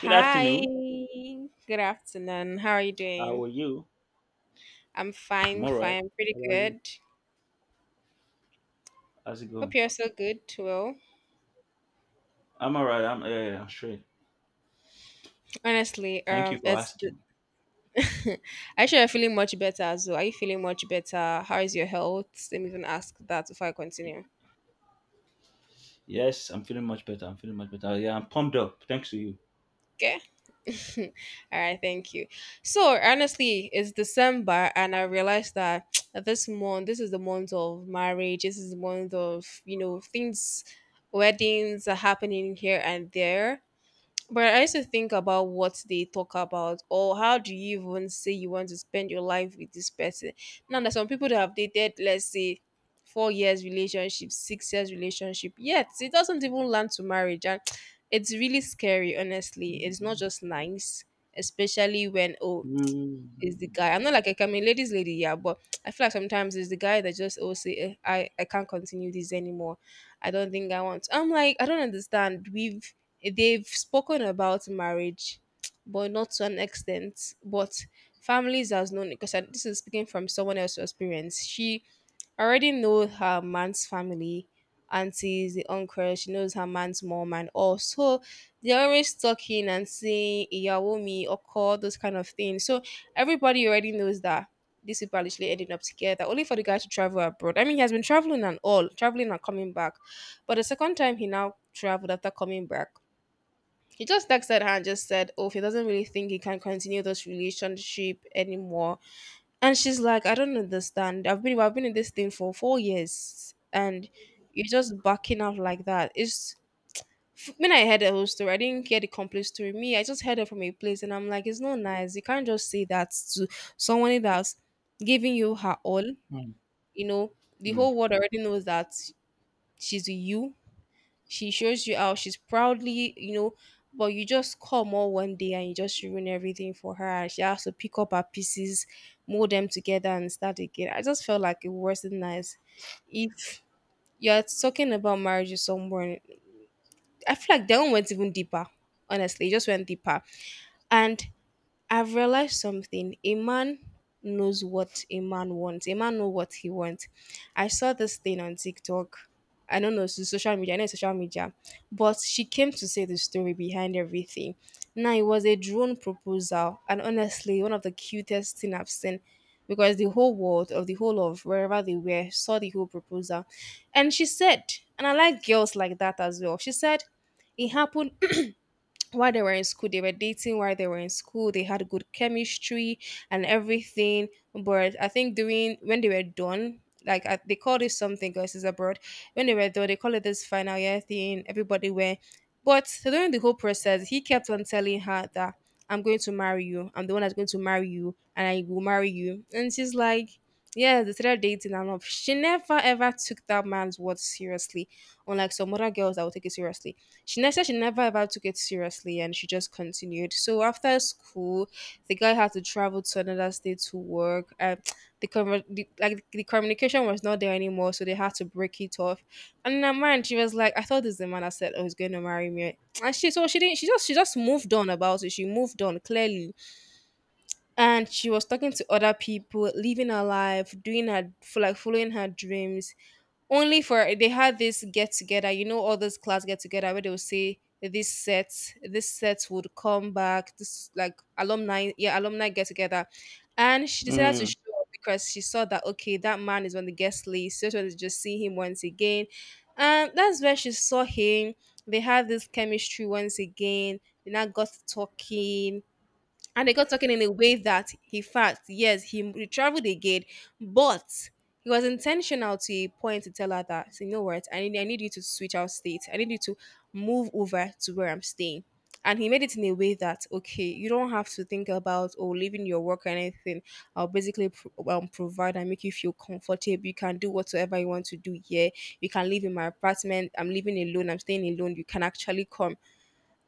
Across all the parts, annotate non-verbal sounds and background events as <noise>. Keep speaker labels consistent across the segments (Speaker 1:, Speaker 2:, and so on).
Speaker 1: Good
Speaker 2: Hi,
Speaker 1: afternoon.
Speaker 2: good afternoon. How are you
Speaker 1: How
Speaker 2: doing?
Speaker 1: are you?
Speaker 2: I'm
Speaker 1: I'm
Speaker 2: fine,
Speaker 1: all right.
Speaker 2: fine, pretty
Speaker 1: How about you?
Speaker 2: good.
Speaker 1: How's it
Speaker 2: Hope
Speaker 1: going?
Speaker 2: you're so good too.
Speaker 1: I'm all right. I'm yeah, yeah, I'm straight.
Speaker 2: Honestly,
Speaker 1: Thank you for
Speaker 2: it's
Speaker 1: asking.
Speaker 2: <laughs> Actually, I am feeling much better. So, are you feeling much better? How is your health? Let me even ask that before I continue.
Speaker 1: Yes, I'm feeling much better. I'm feeling much better. Yeah, I'm pumped up. Thanks to you.
Speaker 2: Okay. <laughs> All right, thank you. So honestly, it's December, and I realized that <tsk> this is the month of marriage. This is the month of things, weddings are happening here and there. But I used to think about what they talk about, or how do you even say you want to spend your life with this person? Now, there's some people that have dated, let's say, 4 years relationship, 6 years relationship, yet it doesn't even land to marriage, and <tsk> it's really scary. Honestly, it's not
Speaker 1: Mm,
Speaker 2: just nice, especially when
Speaker 1: mm,
Speaker 2: is the guy. I'm not like, I'm a ladies' lady, yeah, but <tsk> I feel like sometimes it's the guy that just say I can't continue this anymore. I don't think I want. I'm like I don't understand. We've they've spoken about marriage, <tsk> but not to an extent. But families has known because this is speaking from someone else's experience. She I already know her man's family, aunties, the uncle, she knows her man's mom and all. So they're always talking and saying Iyawomi, Oko, those kind of things. So everybody already knows that these people are literally ending up together, only for the guy to travel abroad. I mean, he has been traveling and all, traveling and coming back. But the second time he now traveled after coming back, he just texted her and just said, "Oh, if he doesn't really think he can continue this relationship anymore," and she's like, "I don't understand. I've been in this thing for 4 years and you're just backing out like that." When I heard the whole story, I didn't get the complete story. Me, I just heard it from a place, and I'm like, it's not nice. You can't just say that to someone that's giving you her all.
Speaker 1: mm,
Speaker 2: You know, the whole world already knows that she's with you. She shows you how she's proudly, but you just come all one day and you just ruin everything for her. And she has to pick up her pieces, mold them together, and start again. I just felt like it wasn't nice. If you're talking about marriage with someone, I feel like that one went even deeper. Honestly, it just went deeper. And I've realized something. A man knows what a man wants. A man know what he wants. I saw this thing on TikTok. I don't know, so social media, I know it's social media. But she came to say the story behind everything. Now, it was a drone proposal, and honestly one of the cutest thing I've seen, because the whole world or the whole of wherever they were saw the whole proposal. And she said, and I like girls like that as well. She said it happened while they were in school. They were dating while they were in school. They had good chemistry and everything. But I think during when they were done, they called it something girls is abroad, when they were done they called it this final year thing. Everybody went, but during the whole process he kept on telling her that, I'm going to marry you. I'm the one that's going to marry you, and I will marry you." And she's like, yeah, they started dating and love. She never ever took that man's words seriously, unlike some other girls that will take it seriously. She never said she never ever took it seriously, and she just continued. So after school, the guy had to travel to another state to work. And the communication was not there anymore, so they had to break it off. And in her mind, she was like, "I thought this is the man that said I was going to marry me." And she so she didn't. She just moved on about it. She moved on clearly, and she was talking to other people, living her life, doing her for like following her dreams, only for they had this get together, all those class get together where they will say this set, this set would come back this like alumni yeah alumni get together. And she decided to
Speaker 1: mm,
Speaker 2: show up because she saw that, okay, that man is on the guest list, so she just wanted to just see him once again. And that's where she saw him. They had this chemistry once again. They now got talking, and they got talking in a way that, in fact, yes, he traveled again. But he was intentional to a point to tell her that, "So, you know what I need you to switch out state. I need you to move over to where I'm staying." And he made it in a way that, okay, you don't have to think about or leaving your work or anything. I'll basically provide and make you feel comfortable. You can do whatsoever you want to do here. You can live in my apartment. I'm living alone. I'm staying alone. You can actually come.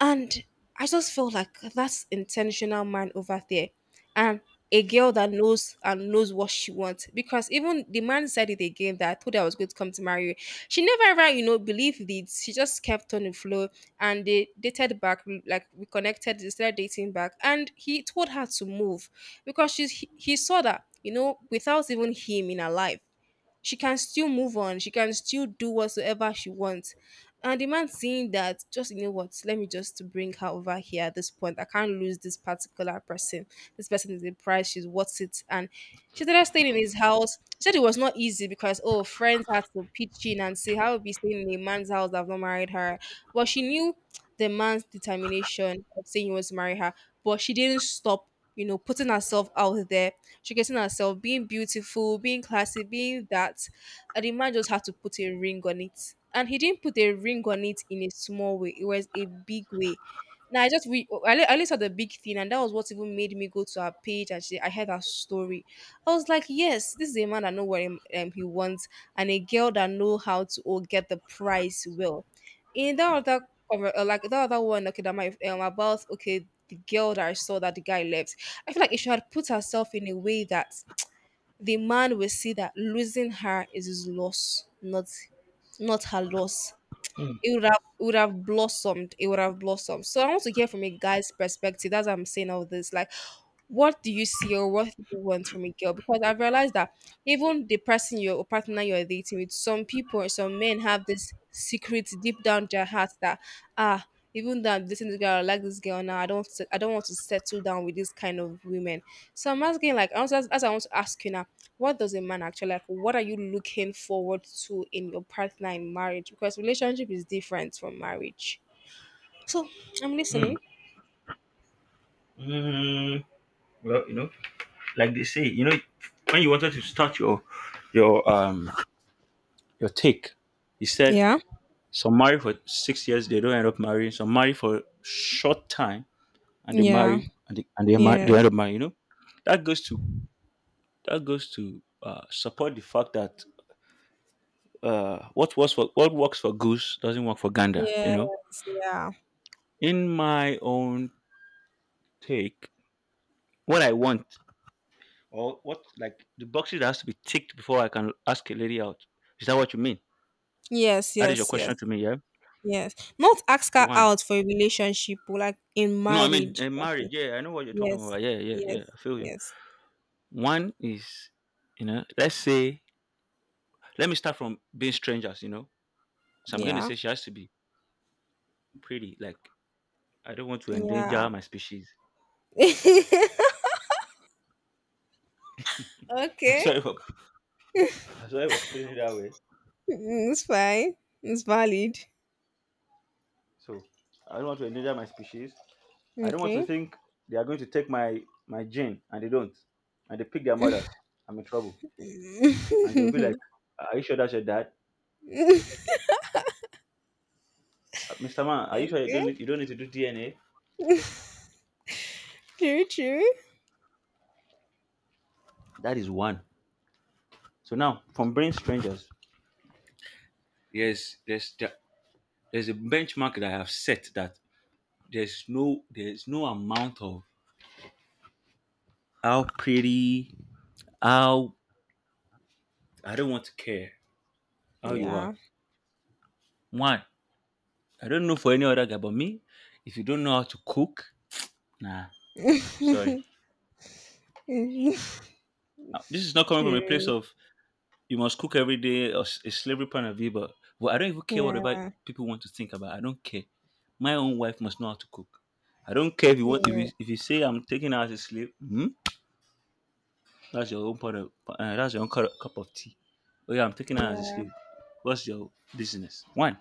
Speaker 2: And I just felt like that's intentional man over there. And a girl that knows and knows what she wants. Because even the man said it again that, "I told her I was going to come to marry you." She never ever, believed it. She just kept on the flow, and they dated back, like we connected, they started dating back. And he told her to move because he saw that, without even him in her life she can still move on. She can still do whatsoever she wants. And the man seeing that, just, you know what, let me just bring her over here at this point. I can't lose this particular person. This person is the price, she's worth it. And she started staying in his house. She said it was not easy, because friends had to pitch in and say, "How would be staying in a man's house that I've not married her?" But she knew the man's determination of saying he wants to marry her, but she didn't stop, putting herself out there, showcasing herself, being beautiful, being classy, being that. And the man just had to put a ring on it. And he didn't put a ring on it in a small way, it was a big way. Now, I just we I only saw the big thing, and that was what even made me go to her page. I heard her story. I was like, yes, this is a man that know what he wants, and a girl that know how to get the price well. In that other like that other one, okay, that my about okay the girl that I saw that the guy left. I feel like if she had put herself in a way that the man will see that losing her is his loss, not her loss.
Speaker 1: mm,
Speaker 2: It would have blossomed. It would have blossomed. So I want to hear from a guy's perspective. That's what I'm saying all this. Like, what do you see or what do you want from a girl? Because I've realized that even the person you're or partner you're dating with, some men have this secret deep down their hearts that, ah, even though I'm dating this girl, I like this girl now, I don't want to settle down with this kind of women. So I'm asking, like, as I want to ask you now, what does a man actually like? What are you looking forward to in your partner in marriage? Because relationship is different from marriage. So I'm
Speaker 1: mm,
Speaker 2: listening.
Speaker 1: mm. Well, like they say, when you wanted to start your your um your take, you said
Speaker 2: Yeah.
Speaker 1: some marry for 6 years, they don't end up marrying. Some marry for short time, and they
Speaker 2: Yeah.
Speaker 1: marry they end
Speaker 2: Yes.
Speaker 1: up marrying. You know, that goes to that goes to support the fact that what works for goose doesn't work for gander. You know,
Speaker 2: Yes, yeah.
Speaker 1: in my own take, what I want or what like the boxes that has to be ticked before I can ask a lady out. Is that what you mean?
Speaker 2: Yes,
Speaker 1: That is your
Speaker 2: yes, yes,
Speaker 1: question to me, yeah?
Speaker 2: yes. Not ask her
Speaker 1: One.
Speaker 2: out for a relationship, or like in
Speaker 1: No, I mean
Speaker 2: marriage, per
Speaker 1: marriage.
Speaker 2: se.
Speaker 1: Yeah, I know what you're talking
Speaker 2: Yes,
Speaker 1: about. Yeah, yeah,
Speaker 2: yes,
Speaker 1: yeah. I feel you.
Speaker 2: yes.
Speaker 1: One is, you know, let's say, let me start from being strangers. You know, so I'm going to
Speaker 2: Yeah,
Speaker 1: say she has to be pretty. Like I don't want to
Speaker 2: yeah.
Speaker 1: endanger my species. <laughs> I'm
Speaker 2: Okay.
Speaker 1: sorry for I'm sorry for putting it that way.
Speaker 2: Mm, it's fine. It's valid.
Speaker 1: So I don't want to endanger my species. I don't want to
Speaker 2: Okay.
Speaker 1: think they are going to take my gene, and they don't, and they pick their mothers. I'm in trouble,
Speaker 2: <laughs>
Speaker 1: and they will be like, "Are you sure that's your dad, Mr. Man? Are you sure you
Speaker 2: Okay.
Speaker 1: don't need, you don't need to do DNA?"
Speaker 2: True, true.
Speaker 1: That is one. So now from brain strangers, yes, there's a benchmark that I have set that there's no amount of how pretty, how. I don't want to care how you are.
Speaker 2: Yeah.
Speaker 1: One, I don't know for any other guy but me. If you don't know how to cook, nah,
Speaker 2: <laughs>
Speaker 1: sorry. This is not coming from a place
Speaker 2: True.
Speaker 1: of you must cook every day, or a slavery point of view, but, I don't even care whatever
Speaker 2: Yeah.
Speaker 1: people want to think about. I don't care. My own wife must know how to cook. I don't care if you want,
Speaker 2: Yeah.
Speaker 1: if you say I'm taking her as a slave. Hmm? That's your own part of that's your own cup of tea. Oh yeah, I'm taking her as a
Speaker 2: Yeah.
Speaker 1: slave. What's your business? One,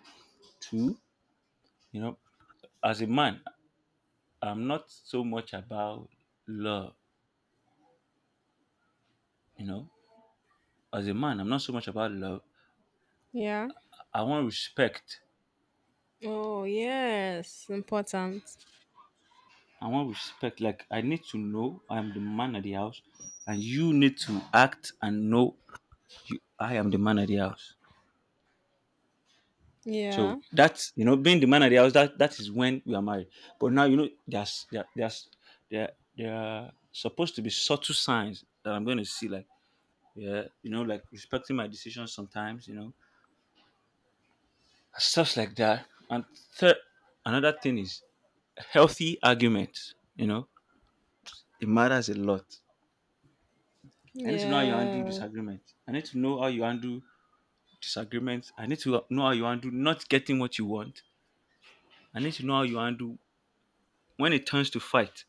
Speaker 1: two. You know, as a man, I'm not so much about love, you know. As a man, I'm not so much about love.
Speaker 2: Yeah.
Speaker 1: I want respect.
Speaker 2: Oh, yes. Important.
Speaker 1: I want respect. Like I need to know I'm the man of the house, and you need to act and know I am the man of the house. So
Speaker 2: Yeah.
Speaker 1: that's being the man of the house. That is when we are married. But now there there are supposed to be subtle signs that I'm going to see. Like yeah, like respecting my decisions sometimes. Stuff like that. And third, another thing is healthy arguments. It matters a lot. I need to know how you handle
Speaker 2: Yeah.
Speaker 1: disagreement. I need to know how you handle disagreements. I need to know how you handle not getting what you want. I need to know how you handle when it turns to fight.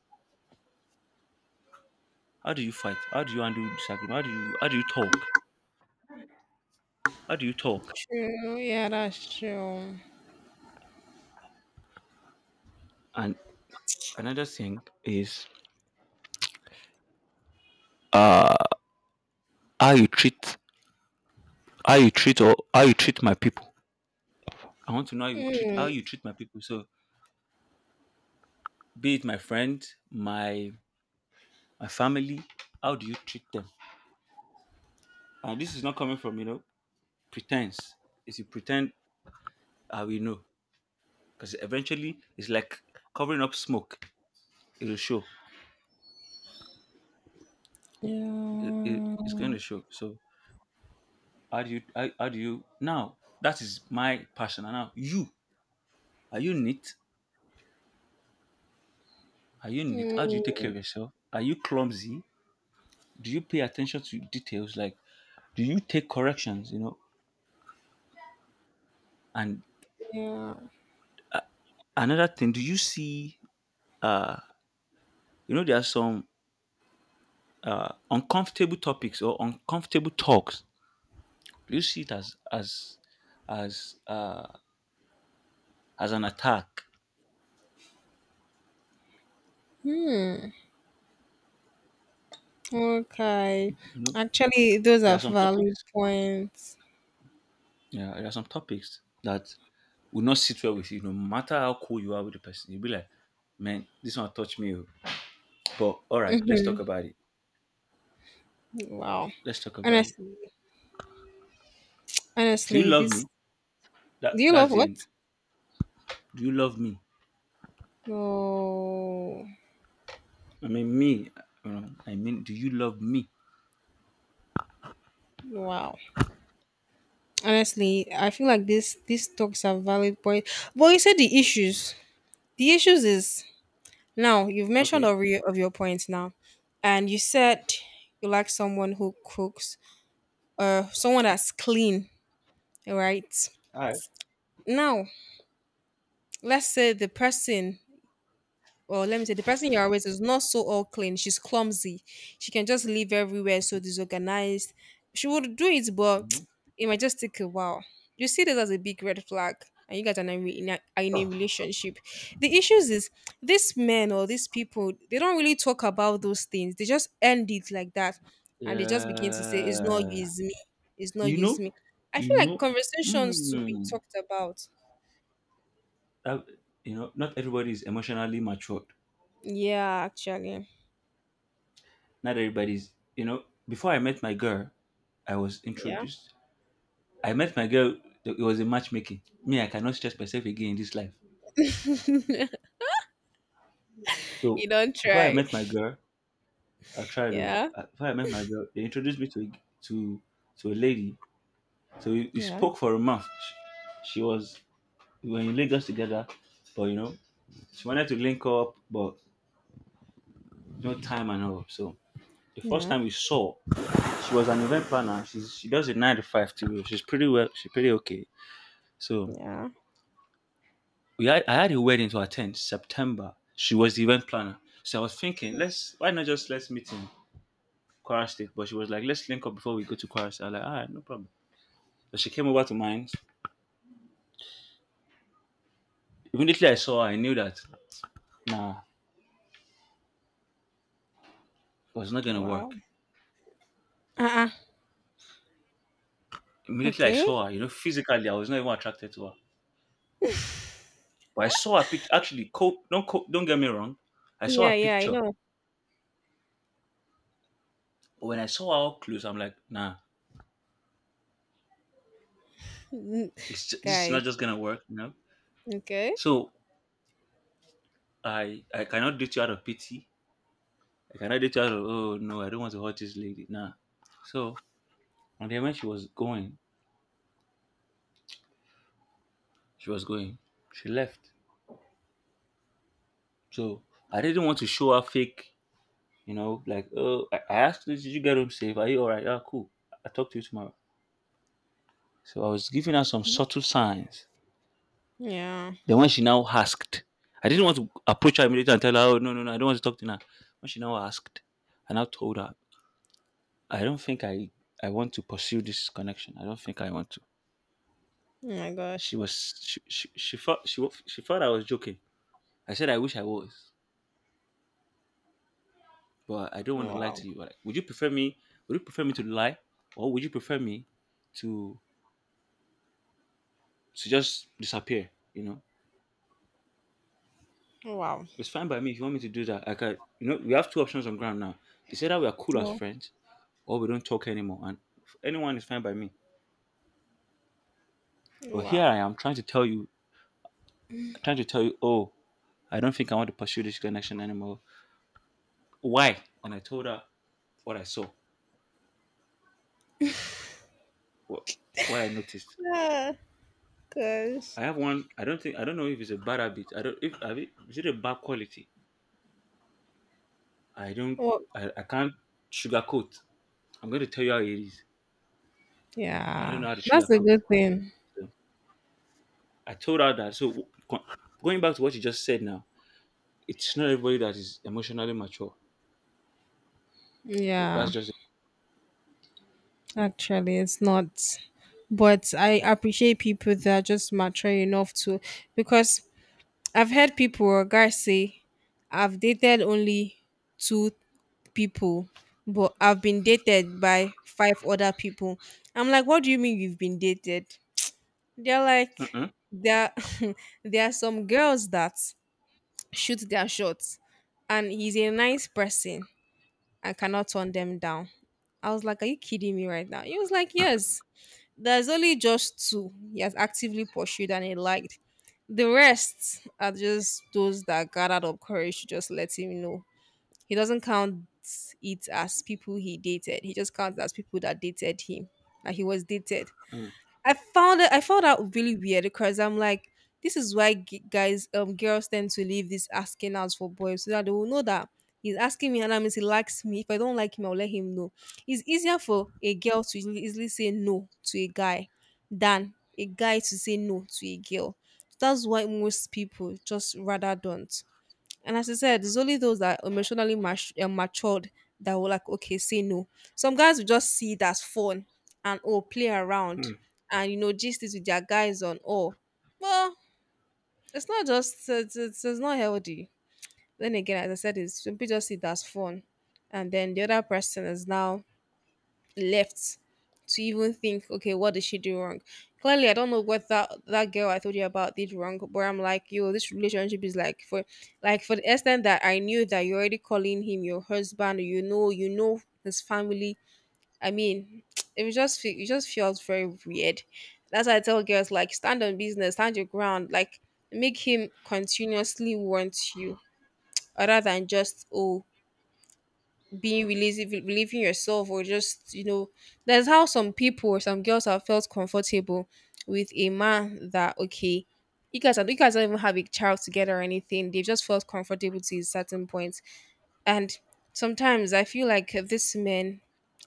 Speaker 1: How do you fight? How do you handle disagreement? How do you talk? How do you talk?
Speaker 2: True. Yeah, that's true.
Speaker 1: And another thing is uh how you treat how you treat my people. I want to know how you treat how
Speaker 2: Mm.
Speaker 1: you treat my people. So be it my friend, my family. How do you treat them? And this is not coming from pretense. If you pretend, I will know, because eventually it's like covering up smoke. It will show. It, it,
Speaker 2: Yeah.
Speaker 1: it's going to show. So how do you now? That is my passion. And now you are you neat? Are you neat? How do you take care
Speaker 2: Mm,
Speaker 1: of yourself? Are you clumsy? Do you pay attention to details, like do you take corrections, and
Speaker 2: yeah.
Speaker 1: another thing, do you see uh you know, there are some uncomfortable topics or uncomfortable talks. You see it as as uh, as an attack.
Speaker 2: Hmm. Okay.
Speaker 1: You know,
Speaker 2: Actually, those
Speaker 1: there
Speaker 2: are
Speaker 1: are some
Speaker 2: valid
Speaker 1: topics.
Speaker 2: points.
Speaker 1: Yeah, there are some topics that will not sit well with you, no matter how cool you are with the person. You'll be like, "Man, this one touch me, oh." But all right, let's talk about it.
Speaker 2: Wow.
Speaker 1: Let's talk about it.
Speaker 2: Honestly,
Speaker 1: Do you
Speaker 2: honestly,
Speaker 1: love
Speaker 2: this.
Speaker 1: me? That
Speaker 2: Do you love
Speaker 1: that's the
Speaker 2: what?
Speaker 1: end. Do you love me?
Speaker 2: Oh,
Speaker 1: I mean me. You know, I mean, do you love me?
Speaker 2: wow. Honestly, I feel like this. These talks are valid point. But you said the issues. The issues is, now you've mentioned
Speaker 1: Okay.
Speaker 2: of your points now, and you said you like someone who cooks, someone that's clean, right?
Speaker 1: All right.
Speaker 2: Now, let's say the person Or let me say the person you're with is not so all clean. She's clumsy. She can just live everywhere so disorganized. She would do it, but
Speaker 1: Mhm.
Speaker 2: <tsk> it might just take a while. You see this as a big red flag, and you guys are not re- in a, are in a relationship. The issues is these men or these people, they don't really talk about those things. They just end it like that, and they just begin to say, "It's not you,
Speaker 1: Yeah.
Speaker 2: it's me. It's not
Speaker 1: You
Speaker 2: you,
Speaker 1: know,
Speaker 2: it's me." I
Speaker 1: you
Speaker 2: feel like
Speaker 1: know,
Speaker 2: conversations to be
Speaker 1: mm,
Speaker 2: talked about.
Speaker 1: that, not everybody is emotionally matured.
Speaker 2: Yeah, actually.
Speaker 1: Not everybody's, you know, Before I met my girl, I was
Speaker 2: Yeah.
Speaker 1: introduced. I met my girl, it was a matchmaking. Me, I cannot stress myself again in this life.
Speaker 2: <laughs>
Speaker 1: So
Speaker 2: You don't
Speaker 1: before I
Speaker 2: try.
Speaker 1: met my girl,
Speaker 2: Yeah.
Speaker 1: they introduced me to a lady. So we
Speaker 2: Yeah,
Speaker 1: spoke for a month. She was, we were in Lagos together, but she wanted to link up, but no time and all. So the first
Speaker 2: yeah,
Speaker 1: time we saw, she was an event planner. She does a nine to five too. She's pretty well. She's pretty okay. So
Speaker 2: yeah.
Speaker 1: we had I had a wedding to attend September. She was the event planner. So I was thinking,
Speaker 2: Mm.
Speaker 1: let's why not just let's meet in Kwara State. But she was like, let's link up before we go to Kwara State. I was like, alright, no problem. So she came over to mine. Immediately I saw her, I knew that nah, it was not gonna
Speaker 2: Wow.
Speaker 1: work.
Speaker 2: Uh-uh.
Speaker 1: Immediately I
Speaker 2: Okay.
Speaker 1: saw her, physically I was not even attracted to her. But I saw her picture. Actually, don't get me wrong. I saw
Speaker 2: Yeah,
Speaker 1: her
Speaker 2: yeah, I
Speaker 1: picture.
Speaker 2: know.
Speaker 1: But when I saw her up close, I'm like, nah,
Speaker 2: Mm.
Speaker 1: this is not
Speaker 2: Guys,
Speaker 1: just gonna work.
Speaker 2: okay.
Speaker 1: So I cannot date you out of pity. I cannot date you out of, oh no, I don't want to hurt this lady. Nah. So and then when she was going, she left. So I didn't want to show her fake, like, oh, I asked her, did you get home safe? Are you alright? Yeah, cool. I'll talk to you tomorrow. So I was giving her some
Speaker 2: Mm.
Speaker 1: subtle signs.
Speaker 2: Yeah.
Speaker 1: Then when she now asked, I didn't want to approach her immediately and tell her, oh no no no, I don't want to talk to you now. When she now asked, and I now told her I don't think I want to pursue this connection. I don't think I want to.
Speaker 2: Oh my
Speaker 1: She
Speaker 2: gosh.
Speaker 1: was she she, she thought she thought I was joking. I said I wish I was, but I don't want to lie
Speaker 2: Wow.
Speaker 1: to you. Like, would you prefer me? Would you prefer me to lie, or would you prefer me to to just disappear? You know,
Speaker 2: Wow.
Speaker 1: it's fine by me if you want me to do that. Like, I can. You know, we have two options on ground now. It's either we are cool as
Speaker 2: Wow.
Speaker 1: friends, or we don't talk anymore. And anyone is fine by me. But here
Speaker 2: Wow.
Speaker 1: I am trying to tell you, oh, I don't think I want to pursue this connection anymore. Why? And I told her what I saw, what, what I noticed.
Speaker 2: Yeah, cause
Speaker 1: I have one, I don't think, I don't know if it's a bad habit, I don't, if have it, is it a bad quality, I don't.
Speaker 2: well,
Speaker 1: I can't sugarcoat. I'm going to tell you how it is. I don't
Speaker 2: yeah.
Speaker 1: know how to
Speaker 2: That's a
Speaker 1: sugarcoat.
Speaker 2: good thing.
Speaker 1: So I told her that. So going back to what you just said now, it's not everybody that is emotionally mature. So
Speaker 2: Yeah.
Speaker 1: that's just.
Speaker 2: Actually, it's not. But I appreciate people that are just mature enough to, because I've heard people or guys say I've dated only two people, but I've been dated by five other people. I'm like, what do you mean you've been dated? They're like,
Speaker 1: Mm-mm.
Speaker 2: there, <laughs> there are some girls that shoot their shots, and he's a nice person. I cannot turn them down. I was like, are you kidding me right now? He was like, yes. There's only just two he has actively pursued and he liked. The rest are just those that gathered up courage to just let him know he doesn't count it as people he dated. He just counts as people that dated him, that he was dated.
Speaker 1: Mm.
Speaker 2: I found it. I found out really weird because I'm like, this is why guys, girls tend to leave this asking out for boys so that they will know that he's asking me and that means he likes me. If I don't like him, I'll let him know. It's easier for a girl to easily say no to a guy than a guy to say no to a girl. That's why most people just rather don't. And as I said, it's only those that are emotionally matured that will like, okay, say no. Some guys will just see it as fun and oh, play around
Speaker 1: Mm.
Speaker 2: and you know, gist it with their guys on. Oh, well, it's not just it's not healthy. Then again, as I said, it's some people just see it as fun, and then the other person is now left to even think, okay, what did she do wrong? Clearly, I don't know what that girl I told you about did wrong, but I'm like, yo, this relationship is like for the extent that I knew that you're already calling him your husband, you know his family. I mean, <tsk> it was just it just feels very weird. That's why I tell girls like stand on business, stand your ground, like make him continuously want you, other than just oh being releasing believing yourself or just you know that's how some people or some girls have felt comfortable with a man that okay you guys don't even have a child together or anything. They've just felt comfortable to a certain point, and sometimes I feel like these men,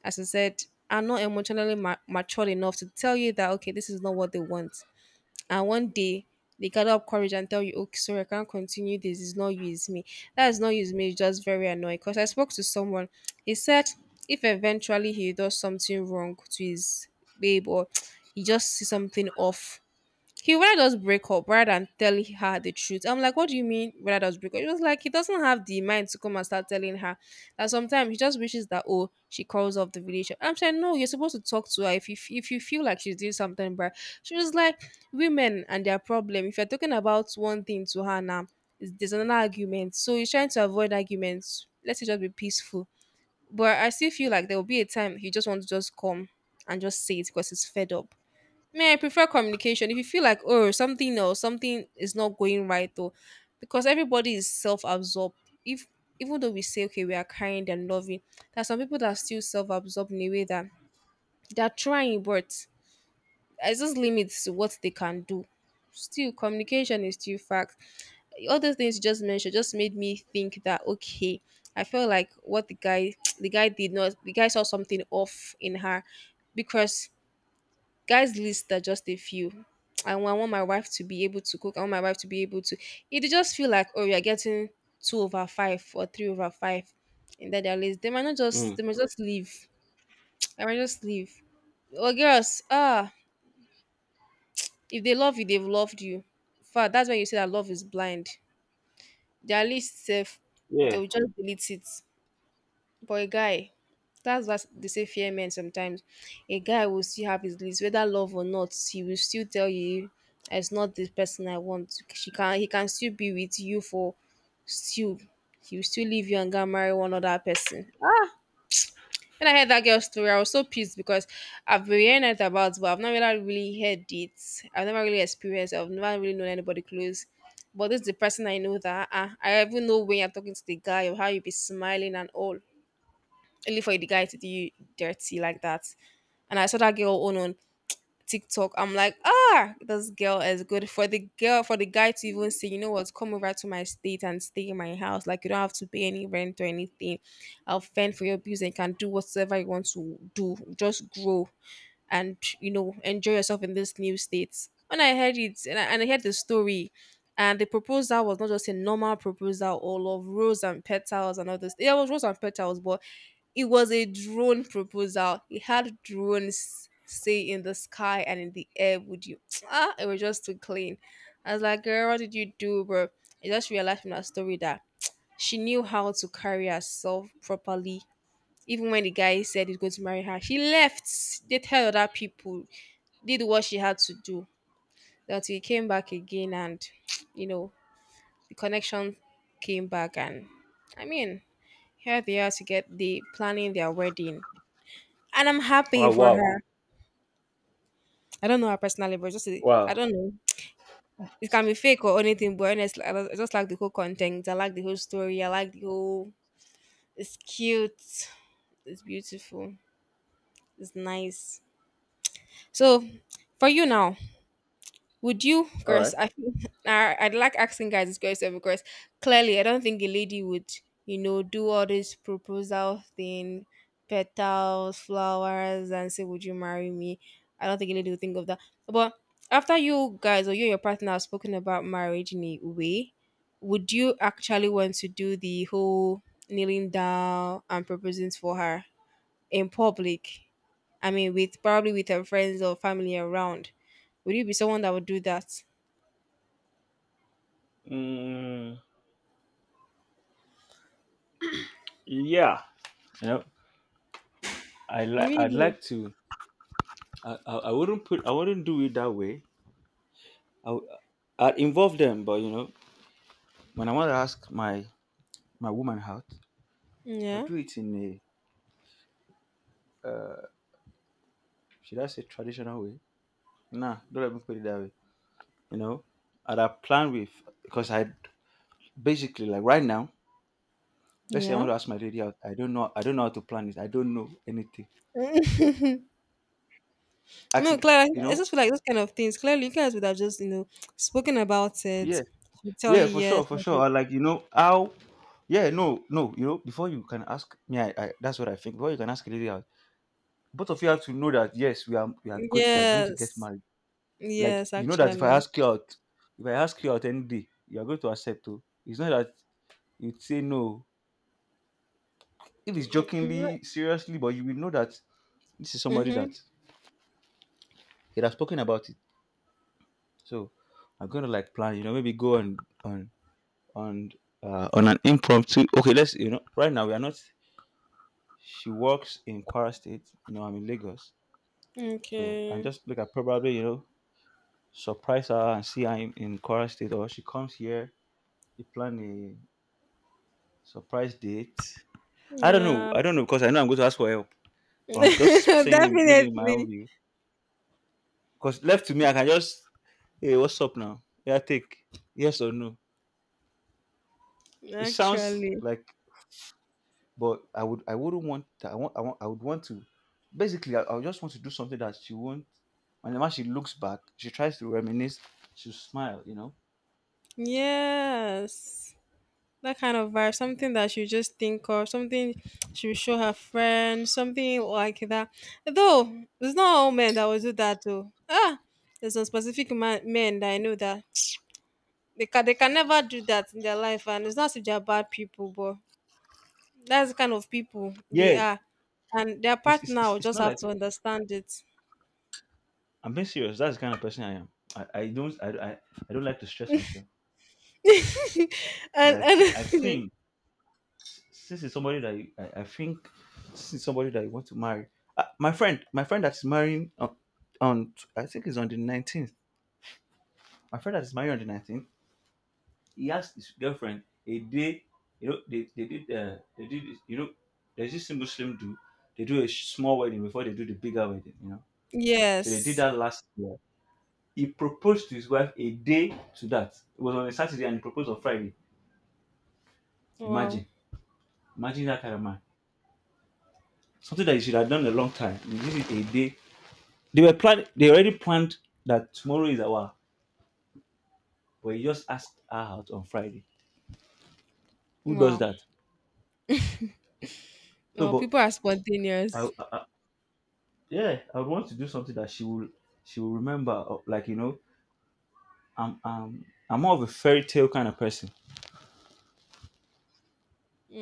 Speaker 2: as I said, are not emotionally matured enough to tell you that okay, this is not what they want, and one day they gather up courage and tell you, okay, sorry, I can't continue this. It's not you, it's me. That is not you, it's me. It's just very annoying. Because I spoke to someone, he said if eventually he does something wrong to his babe or <tsk> he just sees something off, he would rather just break up rather than tell her the truth. I'm like, what do you mean rather just break up? It was like he doesn't have the mind to come and start telling her that sometimes he just wishes that oh she calls off the relationship. I'm saying no, you're supposed to talk to her if you feel like she's doing something bad. She was like, women and their problem. If you're talking about one thing to her now, there's another argument. So he's trying to avoid arguments. Let's just be peaceful. But I still feel like there will be a time he just wants to just come and just say it because he's fed up. Me, I prefer communication. If you feel like, oh, something else, something is not going right though, because everybody is self-absorbed. If even though we say okay, we are kind and loving, there are some people that are still self-absorbed in a way that they're trying, but there's just limits to what they can do. Still, communication is still fact. All those things you just mentioned just made me think that okay, I feel like what the guy <tsk> the guy did not the guy saw something off in her, because guys' list are just a few. I want my wife to be able to cook. I want my wife to be able to. It just feel like oh, you're getting two over five or three over five in that their list. They might not
Speaker 1: Mm.
Speaker 2: just. They might just leave. I might just leave. Well, girls, ah, if they love you, they've loved you. In fact, that's why you say that love is blind. Their list, sef,
Speaker 1: Yeah.
Speaker 2: they'll just delete it. But a guy, that's what they say, fear men sometimes. A guy will still have his list, whether love or not, he will still tell you it's not this person I want. She can he can still be with you for still, he will still leave you and go and marry one other person. When I heard that girl's story, I was so pissed because I've been hearing it about, but I've never really heard it. I've never really experienced it. I've never really known anybody close. But this is the person I know that I even know when you're talking to the guy or how you be smiling and all, only for the guy to do you dirty like that. And I saw that girl on TikTok. I'm like, ah, this girl is good for the girl for the guy to even say, you know what, come over to my state and stay in my house. Like you don't have to pay any rent or anything. I'll fend for your bills and you can do whatever you want to do. Just grow and you know enjoy yourself in this new state. When I heard it and I heard the story. And the proposal was not just a normal proposal, all of rose and petals and all this. Yeah, it was rose and petals, but it was a drone proposal. He had drones say in the sky and in the air, would you? <tsk> Ah, it was just too clean. I was like, girl, what did you do, bro? I just realized from that story that she knew how to carry herself properly. Even when the guy said he's going to marry her, she left. They tell other people, did what she had to do. That he came back again and, <tsk> you know, the connection came back and I mean, here they are to get the planning their wedding, and I'm happy
Speaker 1: Wow.
Speaker 2: for
Speaker 1: Wow.
Speaker 2: her. I don't know her personally, but just I
Speaker 1: Wow.
Speaker 2: don't know. It can be fake or anything, but honestly, I just like the whole content. I like the whole story. I like the whole. It's cute. It's beautiful. It's nice. So, for you now, would you,
Speaker 1: All
Speaker 2: Chris?
Speaker 1: right.
Speaker 2: I feel- <laughs> I'd like asking guys this question because clearly I don't think a lady would, you know, do all this proposal thing, petals, flowers, and say, "Would you marry me?" I don't think a lady would think of that. But after you guys or you and your partner have spoken about marriage in a way, would you actually want to do the whole kneeling down and proposing for her in public? I mean, with probably with her friends or family around. Would you be someone that would do that?
Speaker 1: Mm, yeah. you know, I like I'd
Speaker 2: Really?
Speaker 1: like to. I wouldn't do it that way. I w- I'd involve them, but when I want to ask my woman out, I'll
Speaker 2: Yeah.
Speaker 1: do it in a should I say traditional way? Nah, don't let me put it that way. You know, I'd have plan with, because I basically like right now. Let's say I want
Speaker 2: Yeah.
Speaker 1: to ask my lady out. I don't know. I don't know how to plan it. I don't know anything.
Speaker 2: <laughs>
Speaker 1: I
Speaker 2: No,
Speaker 1: could,
Speaker 2: Clara,
Speaker 1: you
Speaker 2: I
Speaker 1: know,
Speaker 2: just feel like those kind of things. Clearly, you guys would have just, you know, spoken about it.
Speaker 1: yeah,
Speaker 2: She would tell
Speaker 1: yeah,
Speaker 2: you
Speaker 1: for sure,
Speaker 2: yes,
Speaker 1: for
Speaker 2: or
Speaker 1: sure.
Speaker 2: she-
Speaker 1: I like you know how. Yeah, no, no. You know, before you can ask me, I that's what I think. Before you can ask a lady out, both of you have to know that, yes, we are going to get
Speaker 2: Yes.
Speaker 1: married. Like,
Speaker 2: Yes,
Speaker 1: you know that if I
Speaker 2: actually.
Speaker 1: ask you out, if I ask you out any day, you are going to accept. Oh, it's not that you'd say no. If it's jokingly, seriously, but you will know that this is somebody that
Speaker 2: Mm-hmm.
Speaker 1: it has spoken about it. So I'm gonna like plan, maybe go on on on an impromptu. Okay, let's, right now we are not. She works in Kwara State. You know, I'm in Lagos, so I'm
Speaker 2: Okay.
Speaker 1: just like I probably surprise her and see her in Kwara State, or she comes here, we plan a surprise date. I don't know.
Speaker 2: Yeah.
Speaker 1: I don't know, because I know I'm going to ask for help. But I'm just
Speaker 2: <laughs>
Speaker 1: saying, maybe in my own
Speaker 2: Definitely.
Speaker 1: view, because left to me, I can just, hey, what's up now? Yeah, take yes or no. It sounds
Speaker 2: Actually.
Speaker 1: like, but I wouldn't want that. I would want to. Basically, I would just want to do something that she won't. Whenever she looks back, she tries to reminisce. She will smile.
Speaker 2: Yes. That kind of vibe, something that she would just think of, something she would show her friends, something like that. Though it's not all men that will do that though. Ah, there's some specific men that I know that <tsk> they can never do that in their life, and it's not if they're bad people, but that's the kind of people they
Speaker 1: Yeah,
Speaker 2: are, and their
Speaker 1: it's it's,
Speaker 2: partner
Speaker 1: it's
Speaker 2: will
Speaker 1: it's
Speaker 2: just
Speaker 1: not
Speaker 2: have
Speaker 1: like
Speaker 2: to understand it.
Speaker 1: I'm being serious. That's the kind of person I am. I, I don't I, I, I don't like to stress myself.
Speaker 2: <laughs>
Speaker 1: But
Speaker 2: and
Speaker 1: I think I
Speaker 2: and
Speaker 1: think since it's somebody that you- I, I think since it's somebody that you want to marry. My friend that's marrying on I think it's on the 19th. My friend that is marrying on the 19th. He asked his girlfriend a day. You know, there's this Muslim do, they do a small wedding before they do the bigger wedding. You know, so they did
Speaker 2: <laughs> yes,
Speaker 1: that last year. He proposed to his wife a day to that. It was on a Saturday and he proposed on Friday.
Speaker 2: wow,
Speaker 1: Imagine. Imagine that kind of man. Something that you should have done a long time. You did it a day. They were planning they already planned that tomorrow is our, but he just asked her out on Friday. Who does
Speaker 2: wow,
Speaker 1: that? So
Speaker 2: wow.
Speaker 1: but
Speaker 2: People are
Speaker 1: I, I,
Speaker 2: spontaneous.
Speaker 1: I- yeah, I would want to do something that she will remember, like, I'm more of a fairy tale kind of person.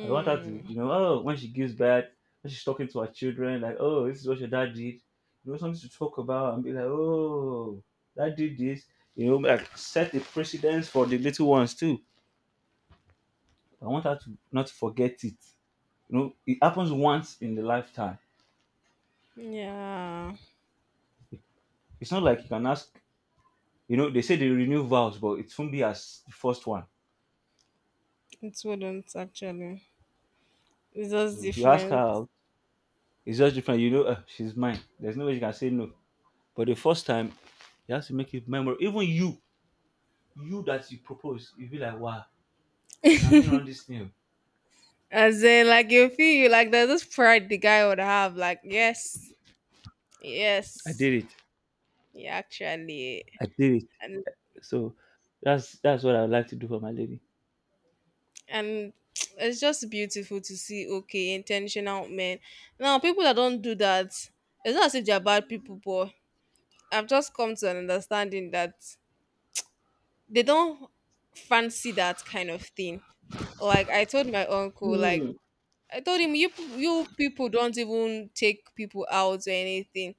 Speaker 1: I want her to, oh, when she gives birth, when she's talking to her children, like, oh, this is what your dad did. You know, something to talk about and be like, oh, dad did this. You know, like, set the precedence for the little ones too. I want her to not forget it. You know, it happens once in the lifetime.
Speaker 2: yeah.
Speaker 1: It's not like you can ask, they say they renew vows, but it won't be as the first one.
Speaker 2: It wouldn't actually. It's just
Speaker 1: So if you ask her
Speaker 2: different.
Speaker 1: out, it's just different. You know, she's mine. There's no way she can say no. But the first time, you have to make it memorable. Even you that you propose, you be like, wow, now me run this thing.
Speaker 2: As in, like you feel you like there's this pride the guy would have. Like yes,
Speaker 1: I
Speaker 2: yes,
Speaker 1: did it.
Speaker 2: yeah, actually,
Speaker 1: I did it.
Speaker 2: and
Speaker 1: So that's what I would like to do for my lady.
Speaker 2: and <tsk> it's just beautiful to see. Okay, intentional men. Now people that don't do that, it's not as if they're bad people, but I've just come to an understanding that they don't fancy that kind of thing. Like I told my uncle, like
Speaker 1: Hmm.
Speaker 2: I told him you people don't even take people out or anything.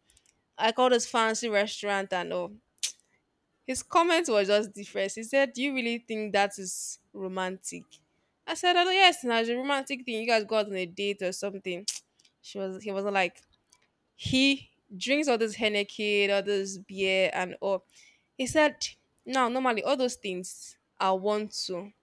Speaker 2: I called this fancy restaurant and all. His comment was just different. He said, "Do you really think that is romantic?" I said, "Oh yes, now it's a romantic thing. You guys go out on a date or something." <tsk> She was He wasn't like he drinks all this Henneken, all this beer and all. He said, "No, normally all those things I want to.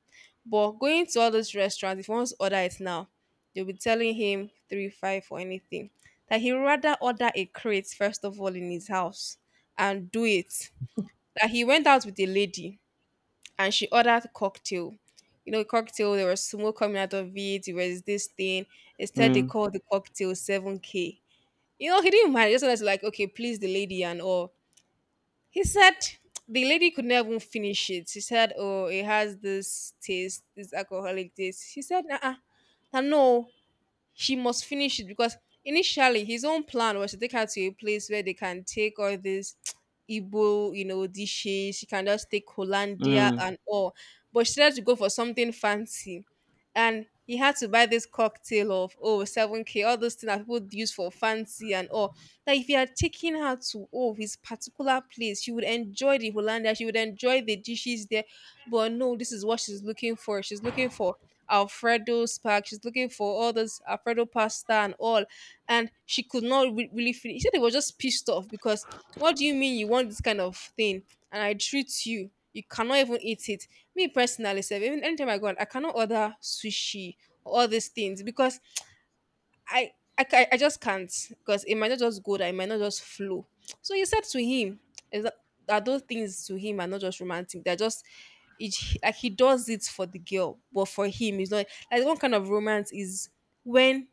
Speaker 2: But going to all those restaurants, if he wants to order it now, they'll be telling him 3, 5 or anything. That he rather order a crate first of all in his house and do it." That he went out with a lady and she ordered cocktail. You know, cocktail, there was smoke coming out of it, there was this thing. Instead they
Speaker 1: Mm,
Speaker 2: called the cocktail 7K. You know, he didn't mind. He just was like, okay, please the lady and all. He said the lady could not even finish it. She said, "Oh, it has this taste, this alcoholic taste." He said, " no." She must finish it because initially his own plan was to take her to a place where they can take all these <tsk> Igbo, you know, dishes. She can just take Hollandia
Speaker 1: mm,
Speaker 2: and all. But she had to go for something fancy. And he had to buy this cocktail of oh 7K, all those things that people use for fancy and all. That if he had taken her to oh his particular place, she would enjoy the Hollandia, she would enjoy the dishes there. But no, this is what she's looking for. She's looking for Alfredo spark. She's looking for all this Alfredo pasta and all, and she could not really finish. She said they was just pissed off because what do you mean you want this kind of thing and I treat you? You cannot even eat it. Me personally, self, even anytime I go out, I cannot order sushi or all these things because I I just can't because it might not just go there, it might not just flow. So he said to him is that, that those things to him are not just romantic, they're just it, like he does it for the girl, but for him, it's not like one kind of romance is when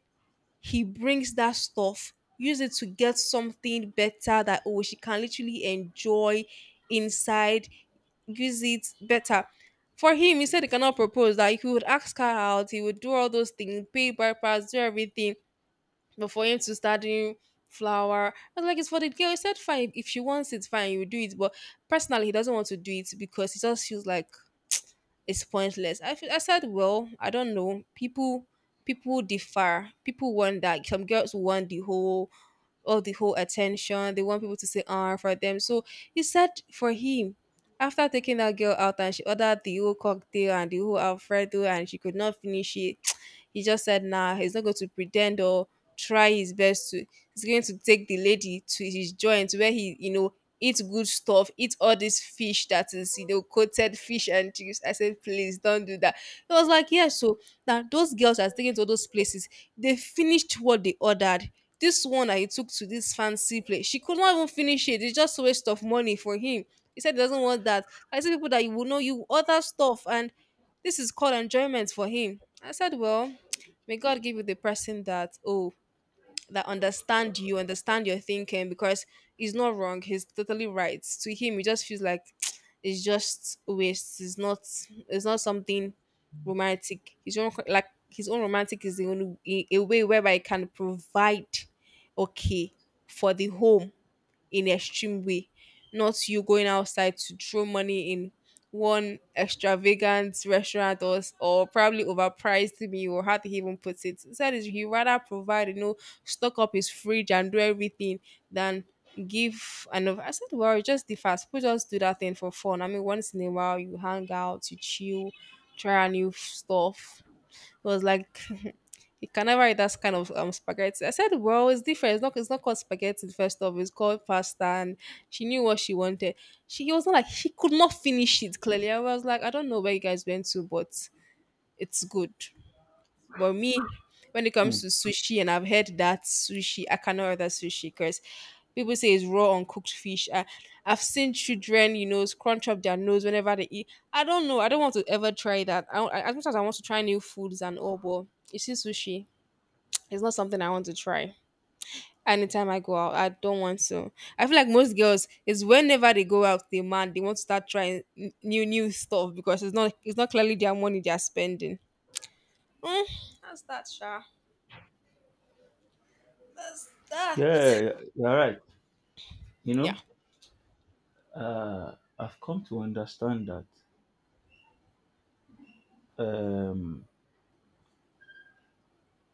Speaker 2: he brings that stuff, use it to get something better that oh she can literally enjoy inside, use it better. For him, he said he cannot propose that he would ask her out, he would do all those things, pay by pass, do everything but for him to start doing flower, I was like, it's for the girl. He said, fine, if she wants it, fine, you do it. But personally, he doesn't want to do it because it just feels like it's pointless. I, feel, I said, well, I don't know. People differ. People want that. Some girls want the whole all the whole attention. They want people to say ah for them. So he said for him, after taking that girl out and she ordered the whole cocktail and the whole Alfredo and she could not finish it, <tsk> he just said nah, he's not going to pretend or try his best to he's going to take the lady to his joint where he, you know, eat good stuff, eat all this fish that is, you know, coated fish and chips. I said, please don't do that. He was like, yes. So now, those girls are taken to those places, they finished what they ordered. This one I took to this fancy place, she could not even finish it. It's just a waste of money for him. He said he doesn't want that. I said, people that you will know, you order stuff, and this is called enjoyment for him. I said, well, may God give you the person that, oh, that understand you, understand your thinking because he's not wrong, he's totally right. To him, it just feels like <tsk> it's just waste. It's not something romantic. His own like his own romantic is the only a way whereby it can provide okay for the home in extreme way, not you going outside to throw money in one extravagant restaurant or, s- or probably overpriced meal or how to even put it. Instead, is he rather provide, you know, stock up his fridge and do everything than give and I said, well, just the fast people just do that thing for fun. I mean, once in a while you hang out, you chill, try stuff. It was like you can never eat that kind of spaghetti. I said, well, it's different. It's not called spaghetti, first of It's called pasta. And she knew what she wanted. She was not like, she could not finish it, clearly. I was like, I don't know where you guys went to, but it's good. But me, when it comes
Speaker 1: mm.
Speaker 2: to sushi, and I've heard that sushi, I cannot order sushi because people say it's raw uncooked fish. I, I've seen children, you know, scrunch up their nose whenever they eat. I don't know. I don't want to ever try that. I as much as I want to try new foods and all, but you see sushi. It's not something I want to try. Anytime I go out, I don't want to. I feel like most girls is whenever they go out, they man they want to start trying new stuff because it's not clearly their money they are spending. Mm, that's that, Sha. That's that.
Speaker 1: Yeah, you're right. You
Speaker 2: Yeah.
Speaker 1: know, I've come to understand that um,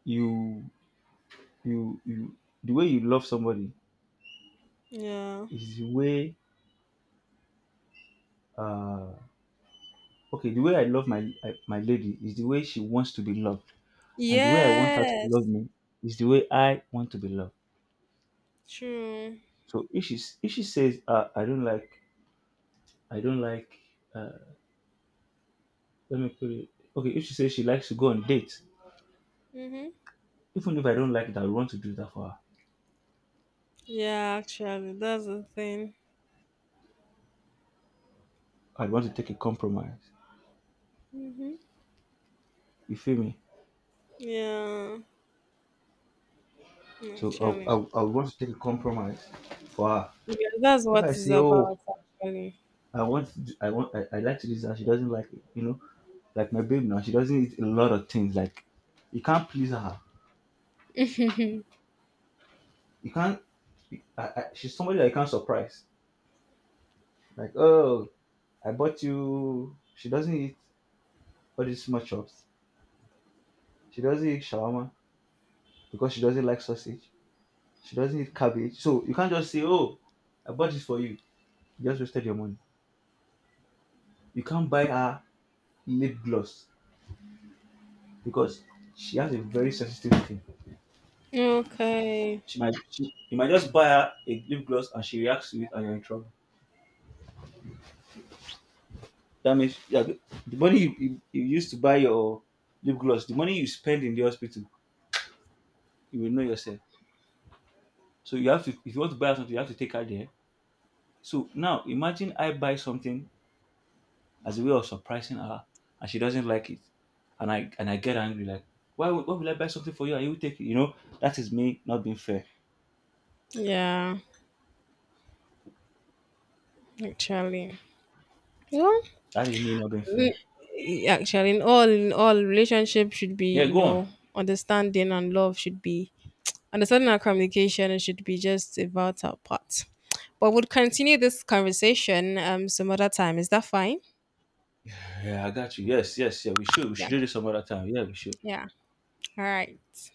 Speaker 1: you, you, you, the way you love somebody
Speaker 2: Yeah.
Speaker 1: is the way. Uh, okay, the way I love my lady is the way she wants to be loved, and the way I want her to love
Speaker 2: Yes.
Speaker 1: me is the way I want to be loved.
Speaker 2: True.
Speaker 1: So if she says, I don't like, uh, let me put it. Okay, if she says she likes to go on dates,
Speaker 2: Mhm.
Speaker 1: even if I don't like that, I want to do that for her.
Speaker 2: Yeah, actually, that's the thing.
Speaker 1: I want to take a compromise.
Speaker 2: Mhm.
Speaker 1: You feel me?
Speaker 2: Yeah.
Speaker 1: So
Speaker 2: Actually,
Speaker 1: I want to take a compromise for her.
Speaker 2: yeah, that's
Speaker 1: If
Speaker 2: what
Speaker 1: I
Speaker 2: it's
Speaker 1: say, oh,
Speaker 2: about. Actually.
Speaker 1: I want, to do, I want, I like to do that. She doesn't like it. You know, like, my babe now, she doesn't eat a lot of things. Like, you can't please her. You can't. She's somebody that you can't surprise. Like, oh, I bought you. She doesn't eat all these small chops. She doesn't eat shawarma because she doesn't like sausage. She doesn't eat cabbage. So you can't just say, oh, I bought this for you. You just wasted your money. You can't buy her lip gloss because she has a very sensitive skin.
Speaker 2: Okay.
Speaker 1: You might just buy her a lip gloss and she reacts to it and you're in trouble. That means, yeah, the money you used to buy your lip gloss, the money you spend in the hospital, you will know yourself. So you have to if you want to buy her something, you have to take her there. So now imagine I buy something as a way of surprising her, and she doesn't like it. And I get angry, like, why will I buy something for you and you will take it? You know, that is me not being fair.
Speaker 2: Yeah. Actually. Well,
Speaker 1: That is me not being fair.
Speaker 2: eh, actually, in all, relationship should be,
Speaker 1: Yeah,
Speaker 2: you
Speaker 1: go on.
Speaker 2: know, understanding and love should be understanding and communication. It should be just a vital part. But we'll continue this conversation some other time. Is that fine?
Speaker 1: Yeah, I got you. Yes, yes, yeah. We should
Speaker 2: Yeah.
Speaker 1: do this some other time. Yeah, we should.
Speaker 2: Yeah. All right.